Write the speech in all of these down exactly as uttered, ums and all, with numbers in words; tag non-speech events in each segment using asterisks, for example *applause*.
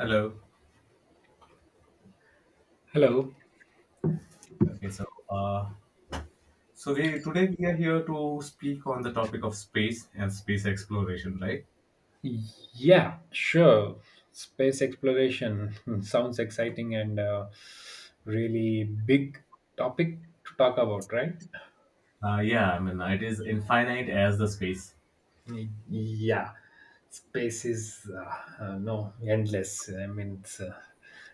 Hello. Hello. Okay, so uh, so we today we are here to speak on the topic of space and space exploration, right? Yeah, sure. Space exploration *laughs* sounds exciting and uh, really big topic to talk about, right? Uh, yeah, I mean it is infinite as the space. Y- Yeah, space is uh, uh, no endless. I mean, it's, uh,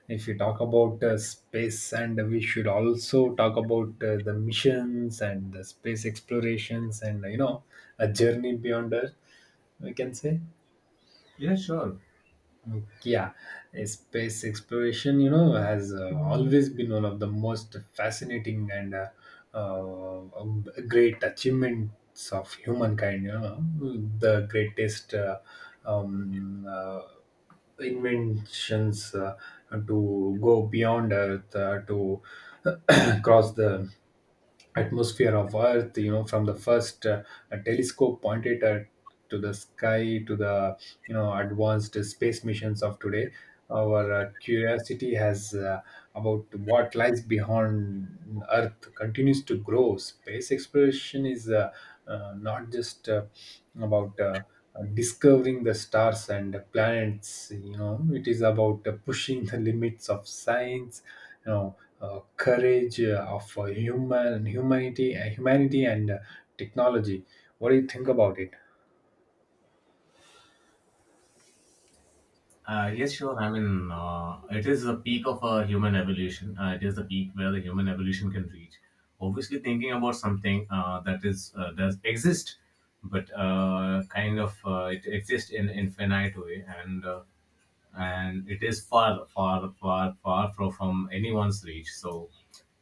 if you talk about uh, space, and we should also talk about uh, the missions and the space explorations, and you know, a journey beyond Earth. We can say. Yeah, sure. Okay. Yeah, uh, space exploration, you know, has uh, always been one of the most fascinating and uh, uh, um, great achievements of humankind. You know, the greatest uh, um, uh, inventions uh, to go beyond Earth, uh, to *clears throat* cross the atmosphere of Earth, you know, from the first uh, a telescope pointed at to the sky to the you know advanced space missions of today. Our uh, curiosity has uh, about what lies beyond Earth continues to grow. Space exploration is uh, uh, not just uh, about uh, discovering the stars and the planets. You know, it is about uh, pushing the limits of science. You know, uh, courage uh, of uh, human humanity, uh, humanity and uh, technology. What do you think about it? Uh, yes, sure. I mean, uh, it is the peak of a human evolution. Uh, it is the peak where the human evolution can reach. Obviously, thinking about something uh, that is uh, does exist, but uh, kind of uh, it exists in infinite way and. Uh, and it is far, far, far, far fro- from anyone's reach. So,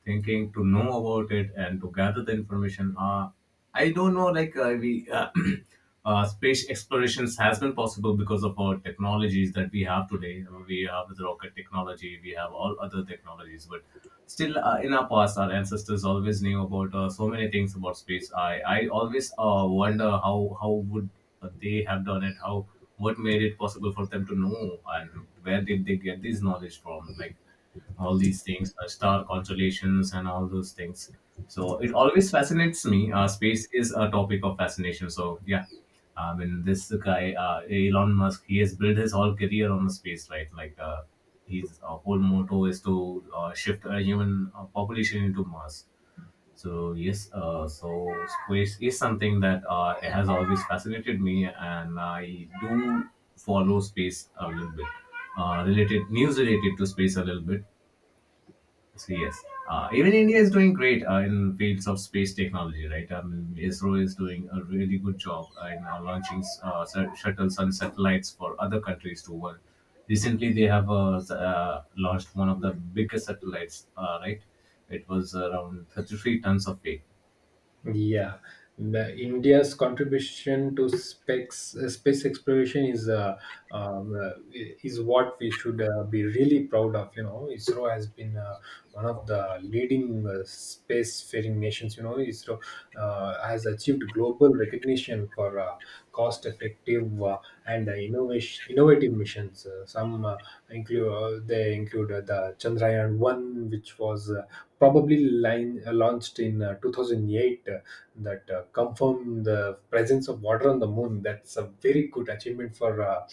thinking to know about it and to gather the information, uh, I don't know. Like uh, we, uh, *clears throat* uh, space explorations has been possible because of our technologies that we have today. Uh, We have the rocket technology, we have all other technologies, but still uh, in our past our ancestors always knew about uh, so many things about space. I i always uh, wonder how how would uh, they have done it, how, what made it possible for them to know, and where did they get this knowledge from, like all these things, uh, star constellations and all those things. So it always fascinates me. Uh, space is a topic of fascination, so yeah, I mean, this guy uh, Elon Musk, he has built his whole career on the space, right? Like uh, his uh, whole motto is to uh, shift a human uh, population into Mars. So yes, uh, so space is something that uh, it has always fascinated me, and I do follow space a little bit, uh, related news related to space a little bit. So yes, uh, even India is doing great uh, in fields of space technology, right? I mean, ISRO is doing a really good job in uh, launching uh, sat- shuttles and satellites for other countries to work. Recently, they have uh, s- uh, launched one of the biggest satellites, uh, right? It was around thirty-three tons of weight. Yeah, the India's contribution to space space exploration is uh, um, uh, is what we should uh, be really proud of. You know, ISRO has been uh, one of the leading uh, spacefaring nations. You know, ISRO uh, has achieved global recognition for uh, cost-effective uh, and uh, innovation innovative missions. Uh, some uh, include uh, They include uh, the Chandrayaan one, which was uh, probably line, uh, launched in uh, two thousand eight uh, that uh, confirmed the presence of water on the moon. That's a very good achievement for uh,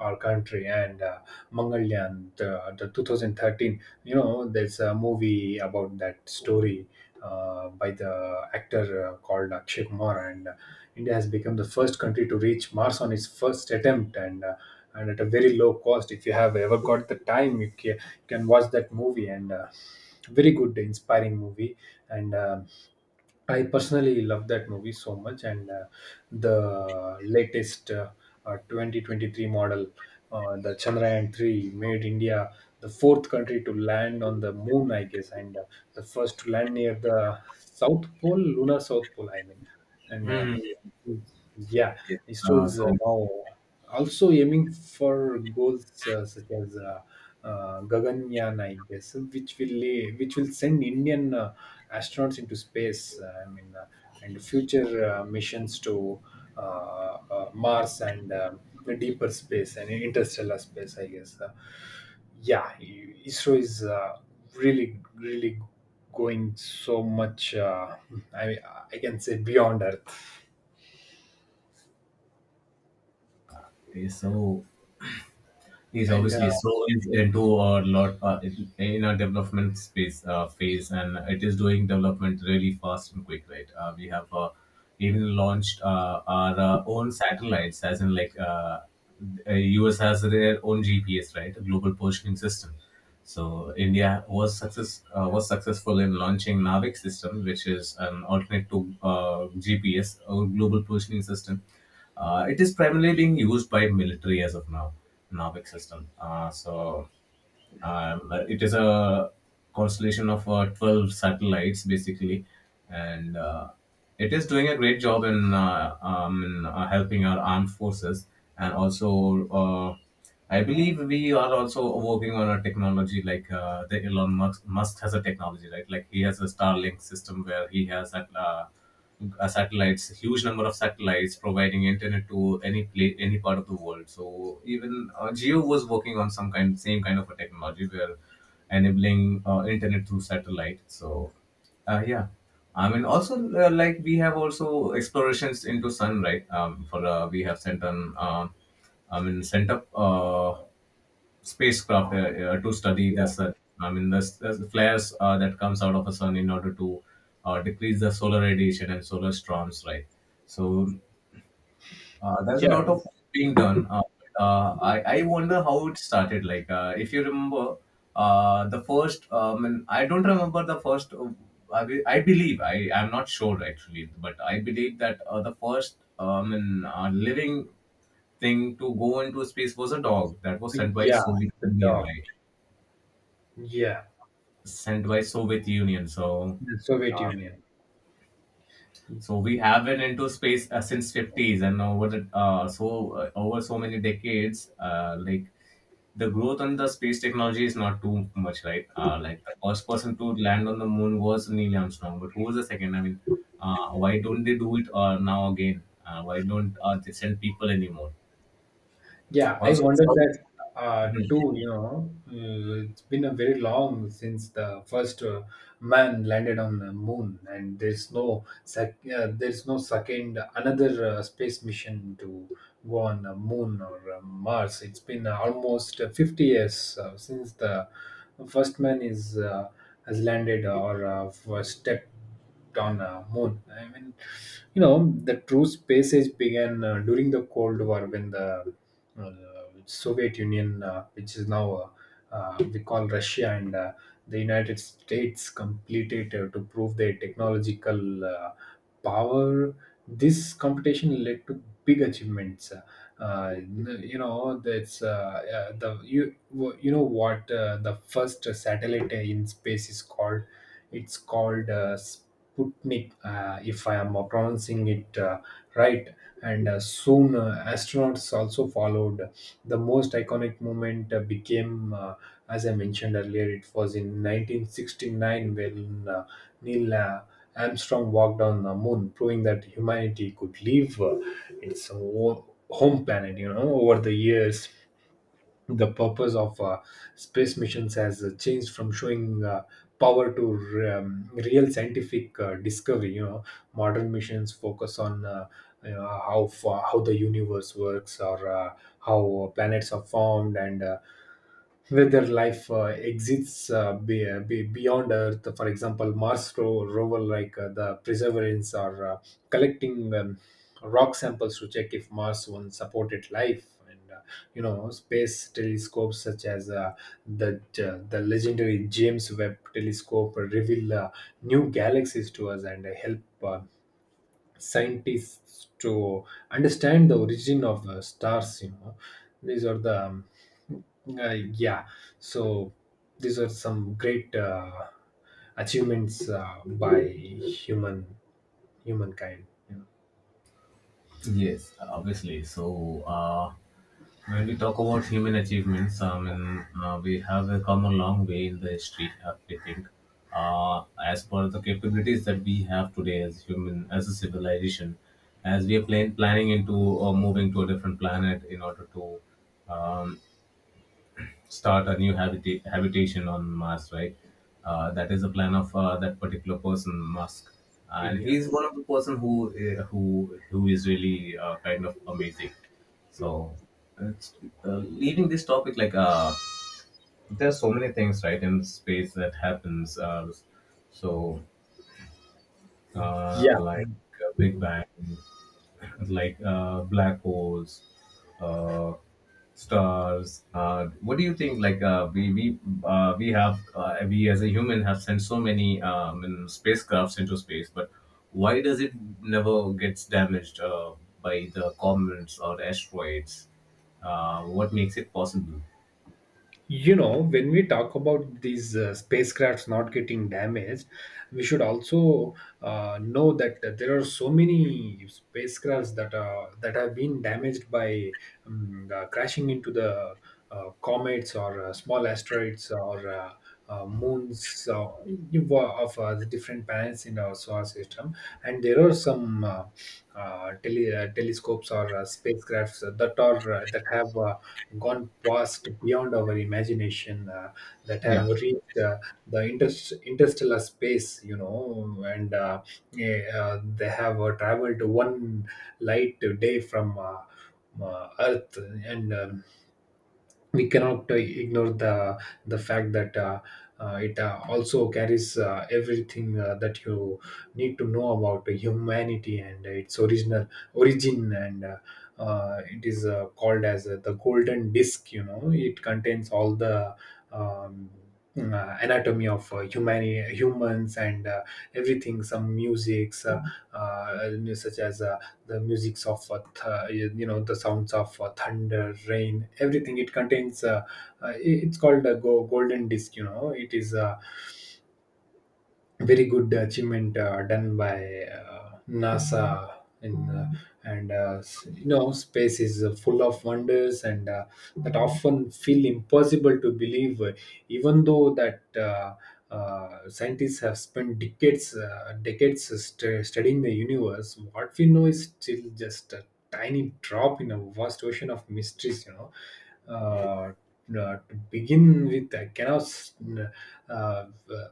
our country. And uh, mangalyaan the, the twenty thirteen, you know, there's a movie about that story uh, by the actor uh, called Akshay Kumar, and uh, India has become the first country to reach Mars on its first attempt, and uh, and at a very low cost. If you have ever got the time, you can, you can watch that movie, and uh, very good inspiring movie. And um, I personally love that movie so much. And uh, the latest uh, uh, twenty twenty-three model, uh, the Chandrayaan three made India the fourth country to land on the moon, I guess. And uh, the first to land near the south pole, lunar south pole, I mean. And uh, yeah, Yeah. Israel Uh, is uh, so now also aiming for goals uh, such as uh, uh, Gaganyaan, I guess, which will lay, which will send Indian uh, astronauts into space. Uh, I mean, uh, and future uh, missions to uh, uh, Mars and uh, the deeper space and interstellar space, I guess. Uh, yeah, ISRO is uh, really, really going so much. Uh, I I can say beyond Earth. okay, so he's And uh, obviously so is into a lot uh, in a development space uh, phase, and it is doing development really fast and quick, right? Uh, we have uh, even launched uh, our uh, own satellites, as in like uh, uh, U S has their own G P S, right? Global Positioning System. So India was success uh, was successful in launching Navic system, which is an alternate to uh, G P S or Global Positioning System. Uh, it is primarily being used by military as of now, Navic system. Uh, so um, uh, it is a constellation of uh, twelve satellites basically, and uh, it is doing a great job in, uh, um, in uh, helping our armed forces. And also, uh, I believe we are also working on a technology like uh, the Elon Musk, Musk has a technology, right? Like he has a Starlink system where he has that. Uh, uh, satellites, huge number of satellites providing internet to any place, any part of the world. So even uh, Geo was working on some kind, same kind of a technology where enabling uh, internet through satellite. So uh, yeah, I mean also uh, like we have also explorations into sun, right? Um, for uh, we have sent an. um I mean, sent up uh, spacecraft uh, uh, to study the sun. I mean, the, the flares uh, that comes out of the sun in order to uh, decrease the solar radiation and solar storms, right? So uh, there's a yeah, lot of being done. Uh, uh, I I wonder how it started. Like uh, if you remember, uh, the first. Um, and I don't remember the first. uh, I, be- I believe I I'm not sure actually, but I believe that uh, the first um, in, uh, living thing to go into space was a dog that was yeah, sent by yeah, Soviet the Union, dog. right? Yeah, Sent by Soviet Union. So the Soviet uh, Union. so we have been into space uh, since fifties and over the, uh, so uh, over so many decades. Uh, like the growth on the space technology is not too much, right? Uh, like the first person to land on the moon was Neil Armstrong, but who was the second? I mean, uh, why don't they do it uh, now again? Uh, why don't uh, they send people anymore? Yeah, I Also wonder some- that uh, Mhm. too. You know, uh, it's been a very long since the first uh, man landed on the moon, and there's no sec- uh, there's no second another uh, space mission to go on the moon or uh, Mars. It's been uh, almost uh, fifty years uh, since the first man is uh, has landed or uh, first step on uh, moon. I mean, you know, the true space age began uh, during the Cold War when the uh, Soviet Union, uh, which is now uh, uh, we call Russia, and uh, the United States completed uh, to prove their technological uh, power. This competition led to big achievements. Uh, you know, that's uh, uh, the Wh- you know what uh, the first satellite in space is called, it's called uh, Sputnik, uh, if I am pronouncing it uh, right. And uh, soon uh, astronauts also followed. The most iconic moment uh, became, uh, as I mentioned earlier, it was in nineteen sixty-nine when uh, Neil uh, Armstrong walked on the moon, proving that humanity could leave uh, its o- home planet. You know, over the years, the purpose of uh, space missions has uh, changed from showing uh, power to re- um, real scientific uh, discovery. You know, modern missions focus on uh, you know, how far, how the universe works, or uh, how planets are formed, and uh, whether life uh, exists uh, be, uh, be beyond Earth. For example, Mars ro- rover like uh, the Perseverance are uh, collecting um, rock samples to check if Mars once supported life. And uh, you know, space telescopes such as uh, the uh, the legendary James Webb telescope reveal uh, new galaxies to us and help uh, scientists to understand the origin of uh, stars. You know, these are the um, uh, yeah, so these are some great uh, achievements uh, by human humankind, you know. Yes, obviously, so uh, when we talk about human achievements, I mean, uh, we have uh, come a long way in the history, uh, I think. Uh, as per the capabilities that we have today as human, as a civilization, as we are plan- planning into or moving to a different planet in order to um, start a new habita- habitation on Mars, right? Uh, that is the plan of uh, that particular person, Musk, and Yeah, he's one of the person who uh, who who is really uh, kind of amazing. So, it's, uh, leaving this topic, like uh, there's so many things right in space that happens. Uh, so, uh, yeah. like uh, Big Bang, like uh, black holes, uh, stars. Uh, what do you think? Like uh, we we uh, we have uh, we as a human have sent so many um, in spacecrafts into space, but why does it never gets damaged uh, by the comets or asteroids? Uh, what makes it possible? You know, when we talk about these uh, spacecrafts not getting damaged, we should also uh, know that there are so many spacecrafts that are that have been damaged by um, uh, crashing into the uh, comets or uh, small asteroids, or uh, uh, moons uh, of uh, the different planets in our solar system. And there are some uh, uh, tele- uh, telescopes or uh, spacecrafts that are uh, that have uh, gone past beyond our imagination, uh, that have Yeah. reached uh, the inter- interstellar space, you know. And uh, eh, uh, they have uh, traveled one light day from uh, uh, Earth. And um, we cannot uh, ignore the the fact that uh, uh, it uh, also carries uh, everything uh, that you need to know about humanity and its original origin. And uh, uh, it is uh, called as uh, the golden disk, you know. It contains all the um, uh, anatomy of uh, humani- humans and uh, everything, some musics uh, uh, such as uh, the musics of uh, th- uh, you know, the sounds of uh, thunder, rain, everything it contains. Uh, uh, it- it's called a go- golden disc, you know. It is uh, very good achievement uh, done by uh, NASA. In, uh, and uh, s- you know, space is uh, full of wonders, and uh, that often feel impossible to believe, uh, even though that uh, uh, scientists have spent decades, uh, decades st- studying the universe. What we know is still just a tiny drop in a vast ocean of mysteries. You know, uh, uh, to begin with, I cannot s- uh, uh,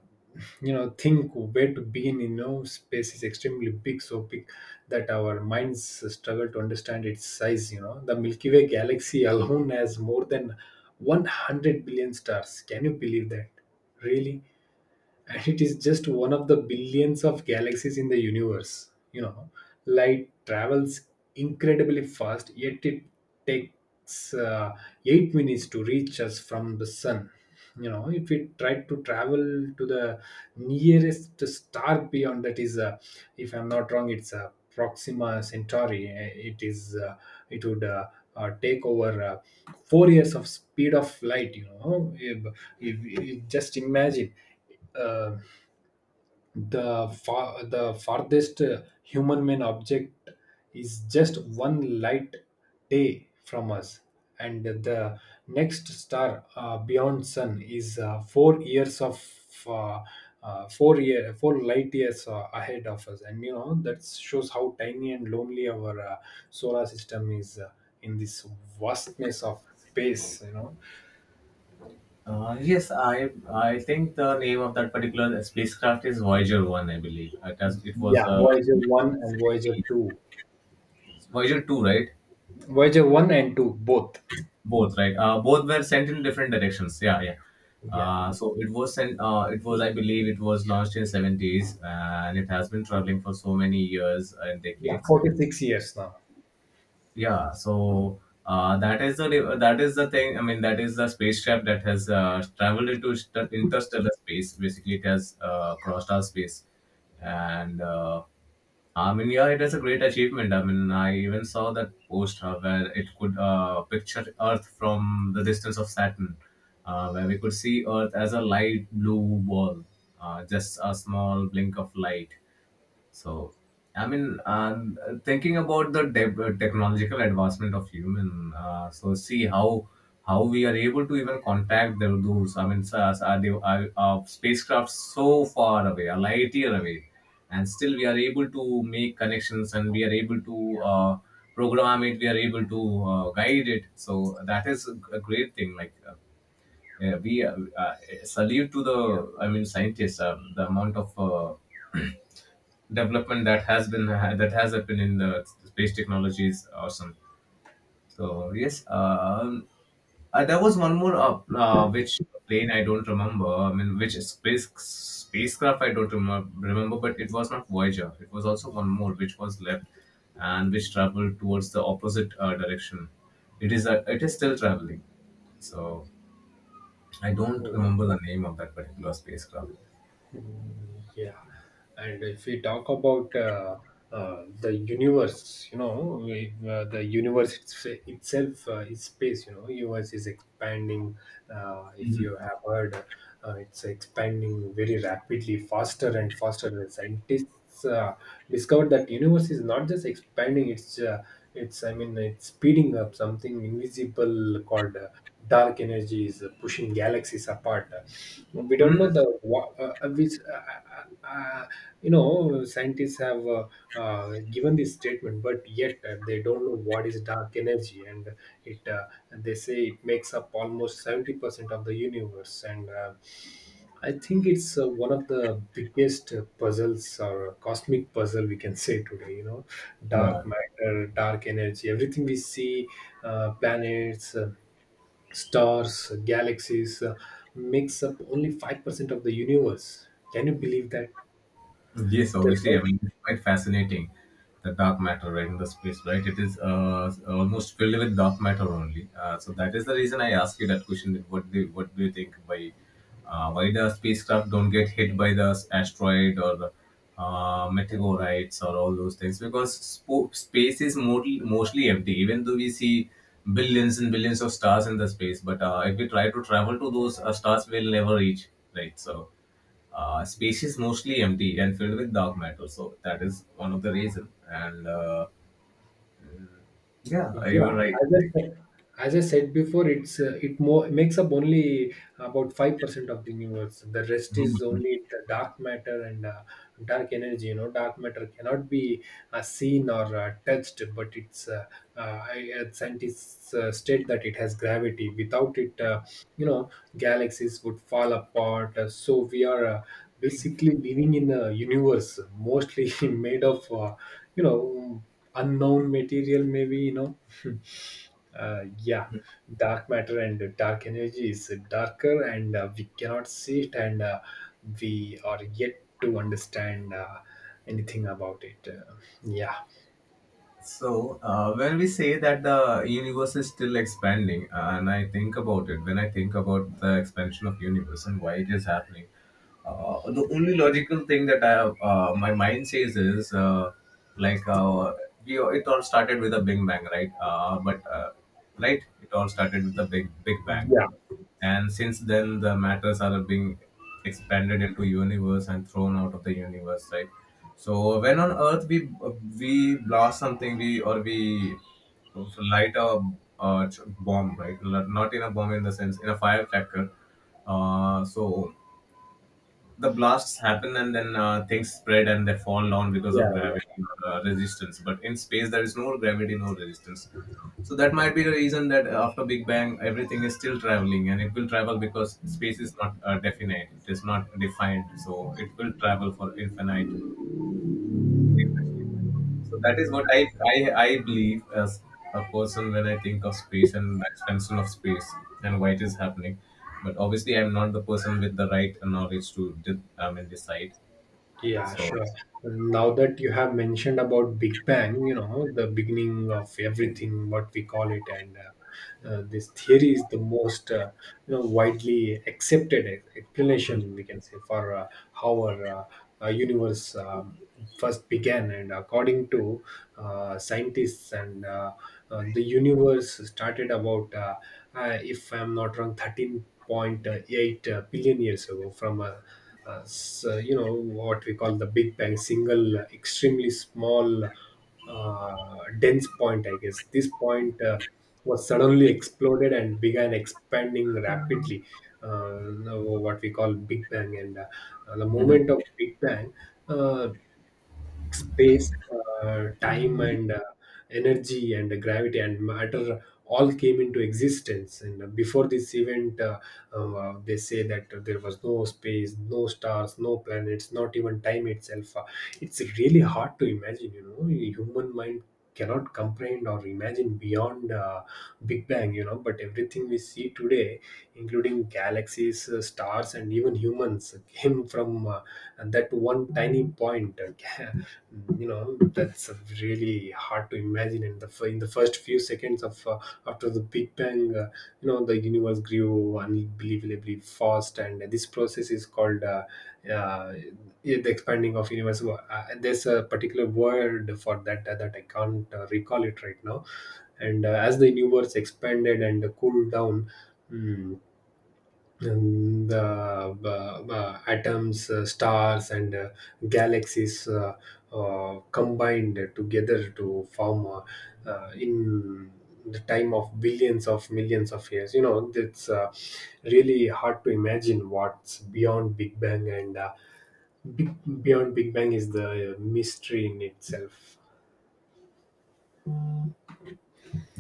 you know think where to begin. You know, space is extremely big, so big that our minds struggle to understand its size. You know, the Milky Way galaxy *laughs* alone has more than one hundred billion stars. Can you believe that? Really? And it is just one of the billions of galaxies in the universe, you know. Light travels incredibly fast, yet it takes uh, eight minutes to reach us from the sun. You know, if we try to travel to the nearest star beyond, that is uh, if I'm not wrong, it's uh, Proxima Centauri. Uh, it is uh, it would uh, uh, take over uh, four years of speed of light, you know. If, if, if Just imagine uh, the far, the farthest uh, human-made object is just one light day from us, and the next star uh, beyond sun is uh, four years of uh, uh, four year four light years uh, ahead of us. And you know, that shows how tiny and lonely our uh, solar system is uh, in this vastness of space. You know, Uh, yes, I I think the name of that particular spacecraft is Voyager One, I believe. It has it was yeah, uh, Voyager one and Voyager two, Voyager Two, right? Voyager one and two both. Both, right? Uh, both were sent in different directions. Yeah, yeah. Yeah. Uh, so it was sent. Uh, it was, I believe, it was launched in seventies, and it has been traveling for so many years and Yeah, decades. forty-six years now. Yeah, so uh, that is the re- that is the thing. I mean, that is the spacecraft that has uh, traveled into st- interstellar space, basically it has uh, crossed our space. And uh, I mean, yeah, it is a great achievement. I mean, I even saw that post uh, where it could uh, picture earth from the distance of Saturn, uh, where we could see earth as a light blue ball, uh, just a small blink of light. So, I mean, and uh, thinking about the de- technological advancement of human, uh, so see how how we are able to even contact the those. I mean, so- so are they are, are spacecraft so far away, a light year away, and still we are able to make connections and we are able to uh, program it. We are able to uh, guide it. So that is a a great thing. Like. Uh, yeah, we uh, uh, salute to the, I mean, scientists. Uh, the amount of uh, development that has been, that has happened in the space technology is awesome. So yes, um, uh, there was one more uh, uh, which plane I don't remember. I mean, which space spacecraft I don't remember, remember, but it was not Voyager. It was also one more which was left and which traveled towards the opposite uh, direction. It is uh, it is still traveling. So I don't remember the name of that particular spacecraft. Mm. Yeah, and if we talk about uh, uh, the universe, you know, we, uh, the universe, it's, itself uh, is space. You know, universe is expanding. Uh, if Mhm. you have heard, uh, it's expanding very rapidly, faster and faster. The scientists uh, discovered that universe is not just expanding, it's uh, it's I mean, it's speeding up. Something invisible called uh, dark energy is uh, pushing galaxies apart. Uh, we don't know Mm, the wha- uh, uh, which uh, uh, uh, you know, scientists have uh, uh, given this statement, but yet uh, they don't know what is dark energy. And it uh, they say it makes up almost seventy percent of the universe. And uh, I think it's uh, one of the biggest uh, puzzles, or cosmic puzzle we can say today. You know, yeah. dark matter, dark energy, everything we see, uh, planets, uh, stars, galaxies, uh, makes up only five percent of the universe. Can you believe that? Yes, obviously, The I mean, it's quite fascinating, the dark matter, right, in the space, right? It is uh, almost filled with dark matter only. Uh, so that is the reason I asked you that question. That What do, what do you think by uh, why the spacecraft don't get hit by the s- asteroid or the uh, meteorites or all those things? Because spo- space is mostly mostly empty, even though we see billions and billions of stars in the space. But uh, if we try to travel to those uh, stars, we'll never reach, right? So uh, space is mostly empty and filled with dark matter. So that is one of the reason. And uh, yeah, you were Yeah, right. as I said, as I said before, it's uh, it more makes up only about five percent of the universe. The rest is only the dark matter and uh, dark energy. You know, dark matter cannot be uh, seen or uh, touched, but it's uh, uh, I, uh, scientists uh, state that it has gravity. Without it, uh, you know, galaxies would fall apart. Uh, so we are. Uh, basically living in a universe mostly *laughs* made of, uh, you know unknown material, maybe. you know Hmm. Uh, yeah, dark matter and dark energy is darker, and uh, we cannot see it, and uh, we are yet to understand uh, anything about it. Uh, yeah, So uh, when we say that the universe is still expanding, uh, and I think about it, when I think about the expansion of universe and why it is happening, Uh, the only logical thing that I uh, my mind says is uh, like uh, we it all started with a big bang, right? Uh, but uh, right, it all started with a big big bang, yeah, and since then the matters are being expanded into universe and thrown out of the universe, right? So when on Earth we we blast something, we or we light a, uh bomb, right? Not in a bomb in the sense in a firecracker. Uh, so the blasts happen and then uh, things spread and they fall down because yeah, of gravity uh, resistance, but in space there is no gravity, no resistance, so that might be the reason that after big bang everything is still traveling, and it will travel because space is not uh, definite, it is not defined, so it will travel for infinite. So that is what i i, I believe as a person when I think of space and the expansion of space and why it is happening, but obviously I'm not the person with the right knowledge to de- i mean decide. Yeah, So sure. Now that you have mentioned about Big Bang, you know, the beginning of everything, what we call it. And uh, uh, this theory is the most, uh, you know, widely accepted ex- explanation we can say for uh, how our uh, uh, universe um, first began. And according to uh, scientists, and uh, uh, the universe started about, uh, uh, if I'm not wrong, thirteen point eight billion years ago from a, uh, so, you know, what we call the big bang, single, uh, extremely small, uh, dense point, I guess. This point uh, was suddenly exploded and began expanding rapidly, uh, what we call big bang. And uh, the Mhm. moment of big bang, uh, space, uh, time, and uh, energy, and gravity and matter all came into existence. And before this event, uh, uh, they say that there was no space, no stars, no planets, not even time itself. Uh, it's really hard to imagine. You know, human mind cannot comprehend or imagine beyond, uh, big bang. You know, but everything we see today, including galaxies, uh, stars, and even humans, came from uh, that one tiny point. *laughs* You know, that's really hard to imagine. And the, f- in the first few seconds of, uh, after the big bang, uh, you know, the universe grew unbelievably fast, and this process is called, uh, uh, yeah, the expanding of universe. So uh, there's a particular word for that, uh, that I can't uh, recall it right now. And uh, as the universe expanded and cooled down, mm, and the uh, uh, atoms, uh, stars, and uh, galaxies uh, uh, combined together to form, uh, uh, in the time of billions of millions of years. You know, it's uh, really hard to imagine what's beyond Big Bang. And uh, big, beyond Big Bang is the uh, mystery in itself.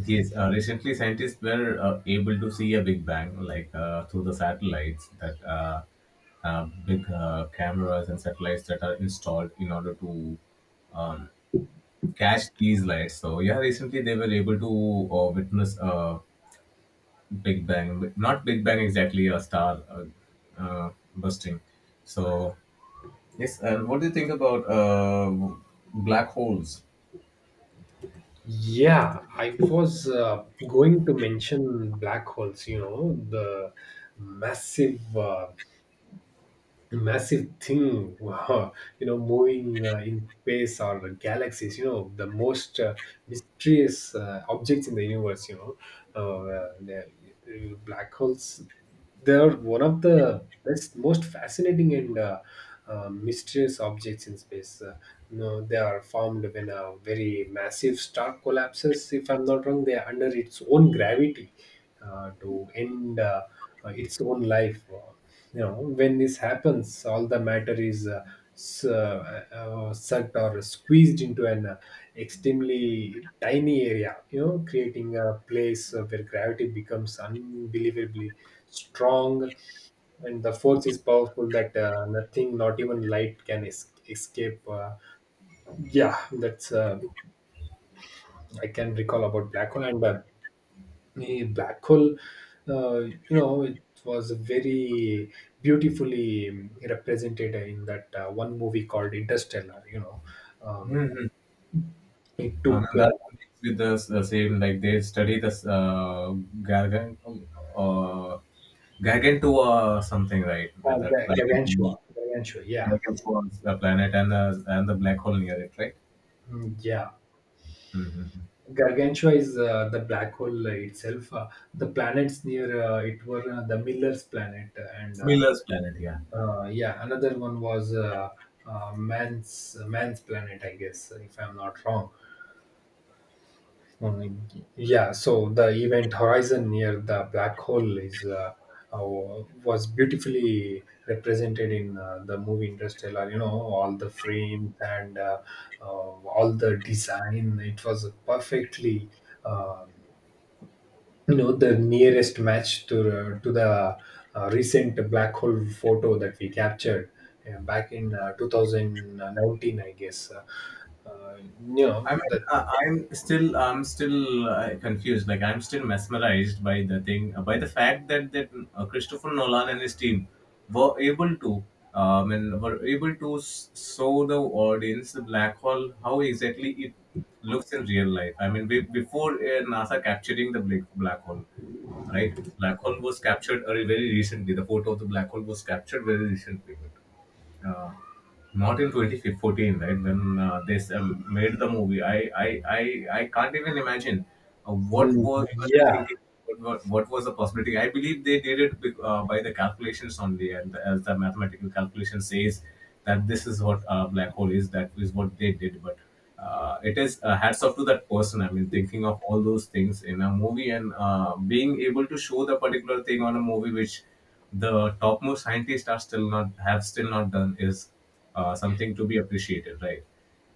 Yes, uh, recently scientists were uh, able to see a Big Bang, like uh, through the satellites that uh, uh, big uh, cameras and satellites that are installed in order to catch these lights. So yeah, recently they were able to uh, witness a Big Bang, not Big Bang exactly, a star uh, uh, bursting. So yes, and what do you think about uh, black holes? Yeah, I was uh, going to mention black holes, you know, the massive. Uh, massive thing. *laughs* Wow, you know, moving uh, in space or galaxies. You know, the most uh, mysterious uh, objects in the universe, you know. uh, uh, the- uh, Black holes, they are one of the best, most fascinating and uh, uh, mysterious objects in space. Uh, you know, they are formed when a very massive star collapses, if I'm not wrong, they are under its own gravity uh, to end uh, uh, its own life. Uh, you know, when this happens, all the matter is uh, s- uh, uh, sucked or squeezed into an uh, extremely tiny area, you know, creating a place uh, where gravity becomes unbelievably strong, and the force is powerful that uh, nothing, not even light, can es- escape. Uh, yeah that's uh, I can recall about black hole. And uh, a black hole, uh, you know, it was very beautifully represented in that uh, one movie called Interstellar, you know. um, it And took, that uh, connects with the, s- the same, like they study this uh, gargant, uh, gargantua something, right? Uh, that Ga- gargantua planet, gargantua Yeah. gargantua, is the planet and the and the black hole near it, right? Mm, yeah. Mm-hmm. Gargantua is uh, the black hole itself. Uh, the planets near uh, it were uh, the Miller's planet. And uh, Miller's planet, yeah. uh, yeah, another one was uh, uh, man's man's planet, I guess, if I'm not wrong. Uh, yeah, so the event horizon near the black hole is, uh, uh, was beautifully represented in uh, the movie Interstellar. You know, all the frames and uh, uh, all the design. It was perfectly, uh, you know, the nearest match to, uh, to the uh, recent black hole photo that we captured uh, back in uh, twenty nineteen, I guess. Uh, uh, you know I mean, that. uh, I'm still, I'm still uh, confused. Like, I'm still mesmerized by the thing, uh, by the fact that that uh, Christopher Nolan and his team were able to, um, and were able to s- show the audience the black hole how exactly it looks in real life. I mean, be, before uh, NASA capturing the black black hole, right? Black hole was captured uh, very recently. The photo of the black hole was captured very recently uh, not in twenty fourteen, right, when uh, they s- um, made the movie. I, I i i can't even imagine uh, what Hmm. was what the Yeah. thinking, what, what, what was the possibility. I believe they did it bec- uh, by the calculations only, and the, as the mathematical calculation says that this is what a black hole is, that is what they did. But uh, it is uh, hats off to that person, I mean thinking of all those things in a movie and uh, being able to show the particular thing on a movie which the topmost scientists are still not have still not done is uh, something to be appreciated, right?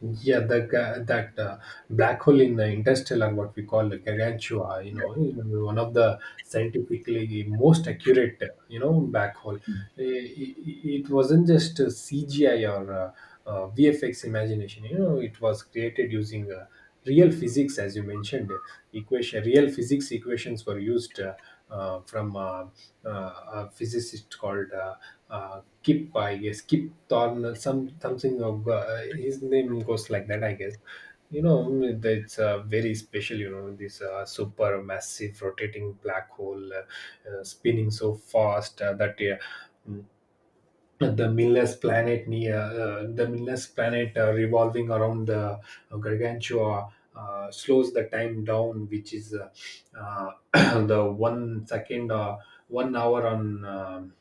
Yeah, the ga- that uh, black hole in uh, Interstellar, what we call the Gargantua, you know, you know, one of the scientifically most accurate, uh, you know, black hole. It, it wasn't just uh, C G I or uh, uh, V F X imagination. You know, it was created using uh, real physics, as you mentioned. Equation, real physics equations were used, uh, uh, from uh, uh, a physicist called, uh, uh, Kip, I guess. Kip Thorne, some something of uh, his name goes like that, I guess. You know, mm, it's uh, very special. You know, this uh, super massive rotating black hole uh, uh, spinning so fast uh, that, uh, mm, the Miller's planet near, uh, the Miller's planet uh, revolving around the uh, Gargantua, Uh, slows the time down, which is uh, uh, *coughs* *clears throat* the one second, uh, one hour on um,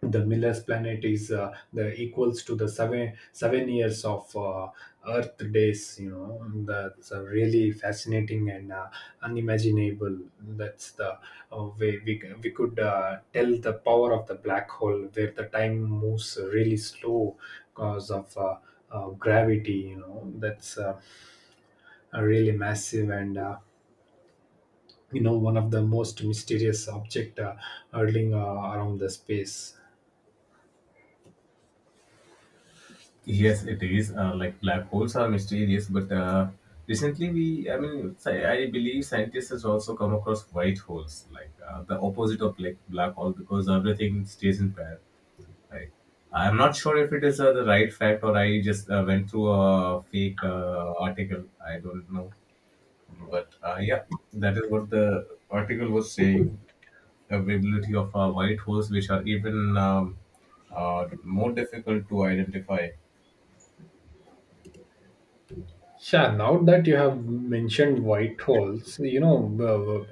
the Miller's planet is uh, the equals to the seven seven years of uh, Earth days. You know, that's uh, really fascinating and uh, unimaginable. That's the uh, way we c- we could uh, tell the power of the black hole, where the time moves really slow because of uh, uh, gravity. You know, that's uh, really massive, and. Uh, you know, one of the most mysterious object uh, hurtling uh, around the space. Yes, it is. Uh, like black holes are mysterious, but uh, recently we, I mean, sci- I believe scientists has also come across white holes, like uh, the opposite of like black hole, because everything stays in pair. Right. I'm not sure if it is uh, the right fact or I just uh, went through a fake uh, article. I don't know, but uh, yeah, that is what the article was saying. Availability of uh, white holes, which are even um, uh, more difficult to identify. Sure, now that you have mentioned white holes, you know,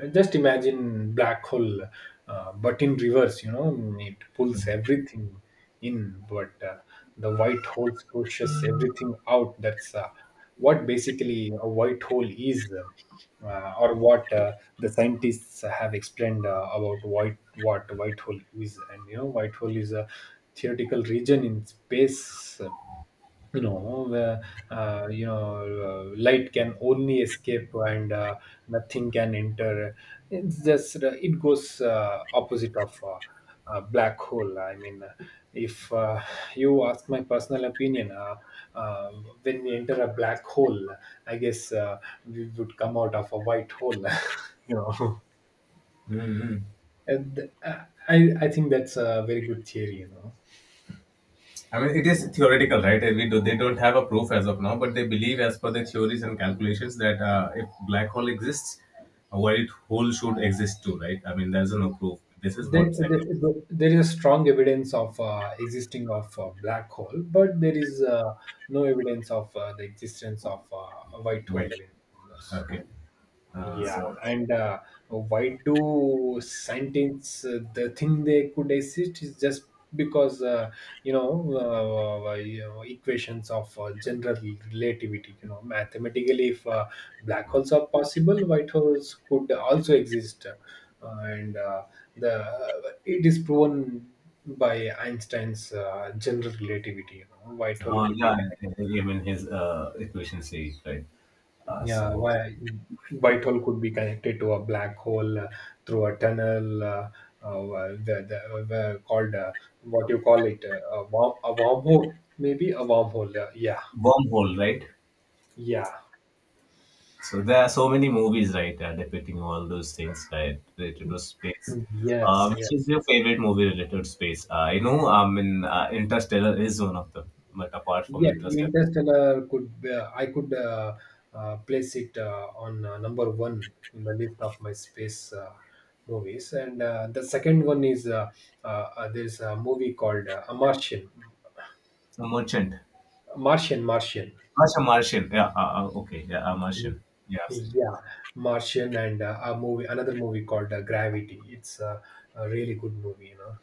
uh, uh, just imagine black hole, uh, but in reverse. You know, it pulls everything in, but uh, the white hole pushes everything out. That's uh, what basically a white hole is, uh, or what uh, the scientists have explained uh, about white, what white hole is. And, you know, white hole is a theoretical region in space, you know, where uh, you know, uh, light can only escape, and uh, nothing can enter. It's just, uh, it goes uh, opposite of uh, a black hole. I mean, if uh, you ask my personal opinion, uh, uh, when we enter a black hole, I guess uh, we would come out of a white hole. *laughs* You know, Hmm. and uh, i i think that's a very good theory, you know. I mean, it is theoretical, right? We do, they don't have a proof as of now, but they believe, as per the theories and calculations, that uh, if black hole exists, a white hole should exist too, right? I mean, there's no proof. This is there, what there, scientists. there is a strong evidence of uh, existing of uh, black hole, but there is uh, no evidence of uh, the existence of uh, a white hole Right. in the universe. Okay. Uh, yeah, so, and uh, why do scientists uh, the thing they could exist is just because uh, you know, uh, uh, you know, equations of uh, general relativity. You know, mathematically, if uh, black holes are possible, white holes could also exist, uh, and uh, the, uh, it is proven by Einstein's uh, general relativity. You know, white hole uh, could be. yeah, even his uh, equation says, right? Uh, Yeah, so why white hole could be connected to a black hole uh, through a tunnel, uh, uh, the, the, the called, uh, what you call it, uh, a worm, a wormhole, maybe a wormhole. Uh, yeah. wormhole, right? Yeah. So there are so many movies, right, uh, depicting all those things, right, related to space. Mm, Uh, yes, yeah. which is your favorite movie related to space? Uh, I know, I mean, uh, Interstellar is one of them, but apart from Yeah. Interstellar, Interstellar could be, uh, I could uh, uh, place it uh, on uh, number one in the list of my space uh, movies. And uh, the second one is, uh, uh, uh, there's a movie called uh, A Martian. a merchant. Martian. Martian. That's Martian. Yeah. Uh, uh, okay. Yeah. A Martian. Yeah. Absolutely. Yeah, Martian, and uh, a movie, another movie called uh, Gravity. It's uh, a really good movie, you know.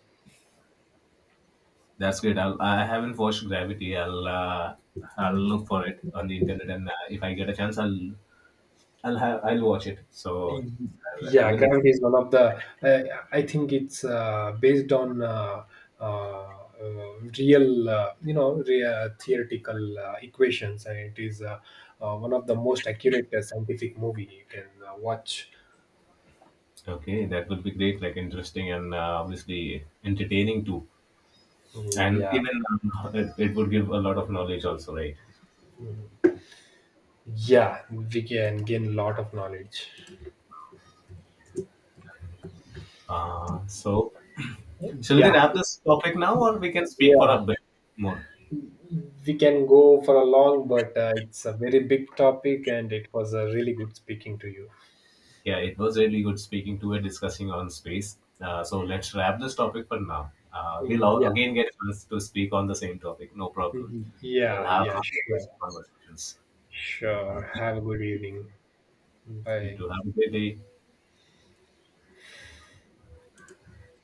That's great. I'll, I haven't watched Gravity. I'll uh, I'll look for it on the internet, and uh, if I get a chance, I'll I'll have I'll watch it. So Y- I'll Yeah, have an experience. Gravity is one of the. Uh, I think it's uh, based on uh, uh, uh, real, uh, you know, real theoretical uh, equations, and it is uh, uh, one of the most accurate uh, scientific movie you can uh, watch. Okay, that would be great, like interesting and uh, obviously entertaining too. Mm, And yeah. even uh, it, it would give a lot of knowledge also, right? Mhm. Yeah, we can gain a lot of knowledge. Uh, so, shall we Yeah, wrap this topic now, or we can speak for a yeah. bit more? We can go for a long, but uh, it's a very big topic, and it was a really good speaking to you. Yeah, it was really good speaking to and discussing on space. Uh, so, let's wrap this topic for now. Uh, we'll all, again get a chance to speak on the same topic, no problem. We'll Yeah, yeah, have yeah, another sure, question- conversations. Uh, sure. Have a good evening. you Bye. too. Have a great day.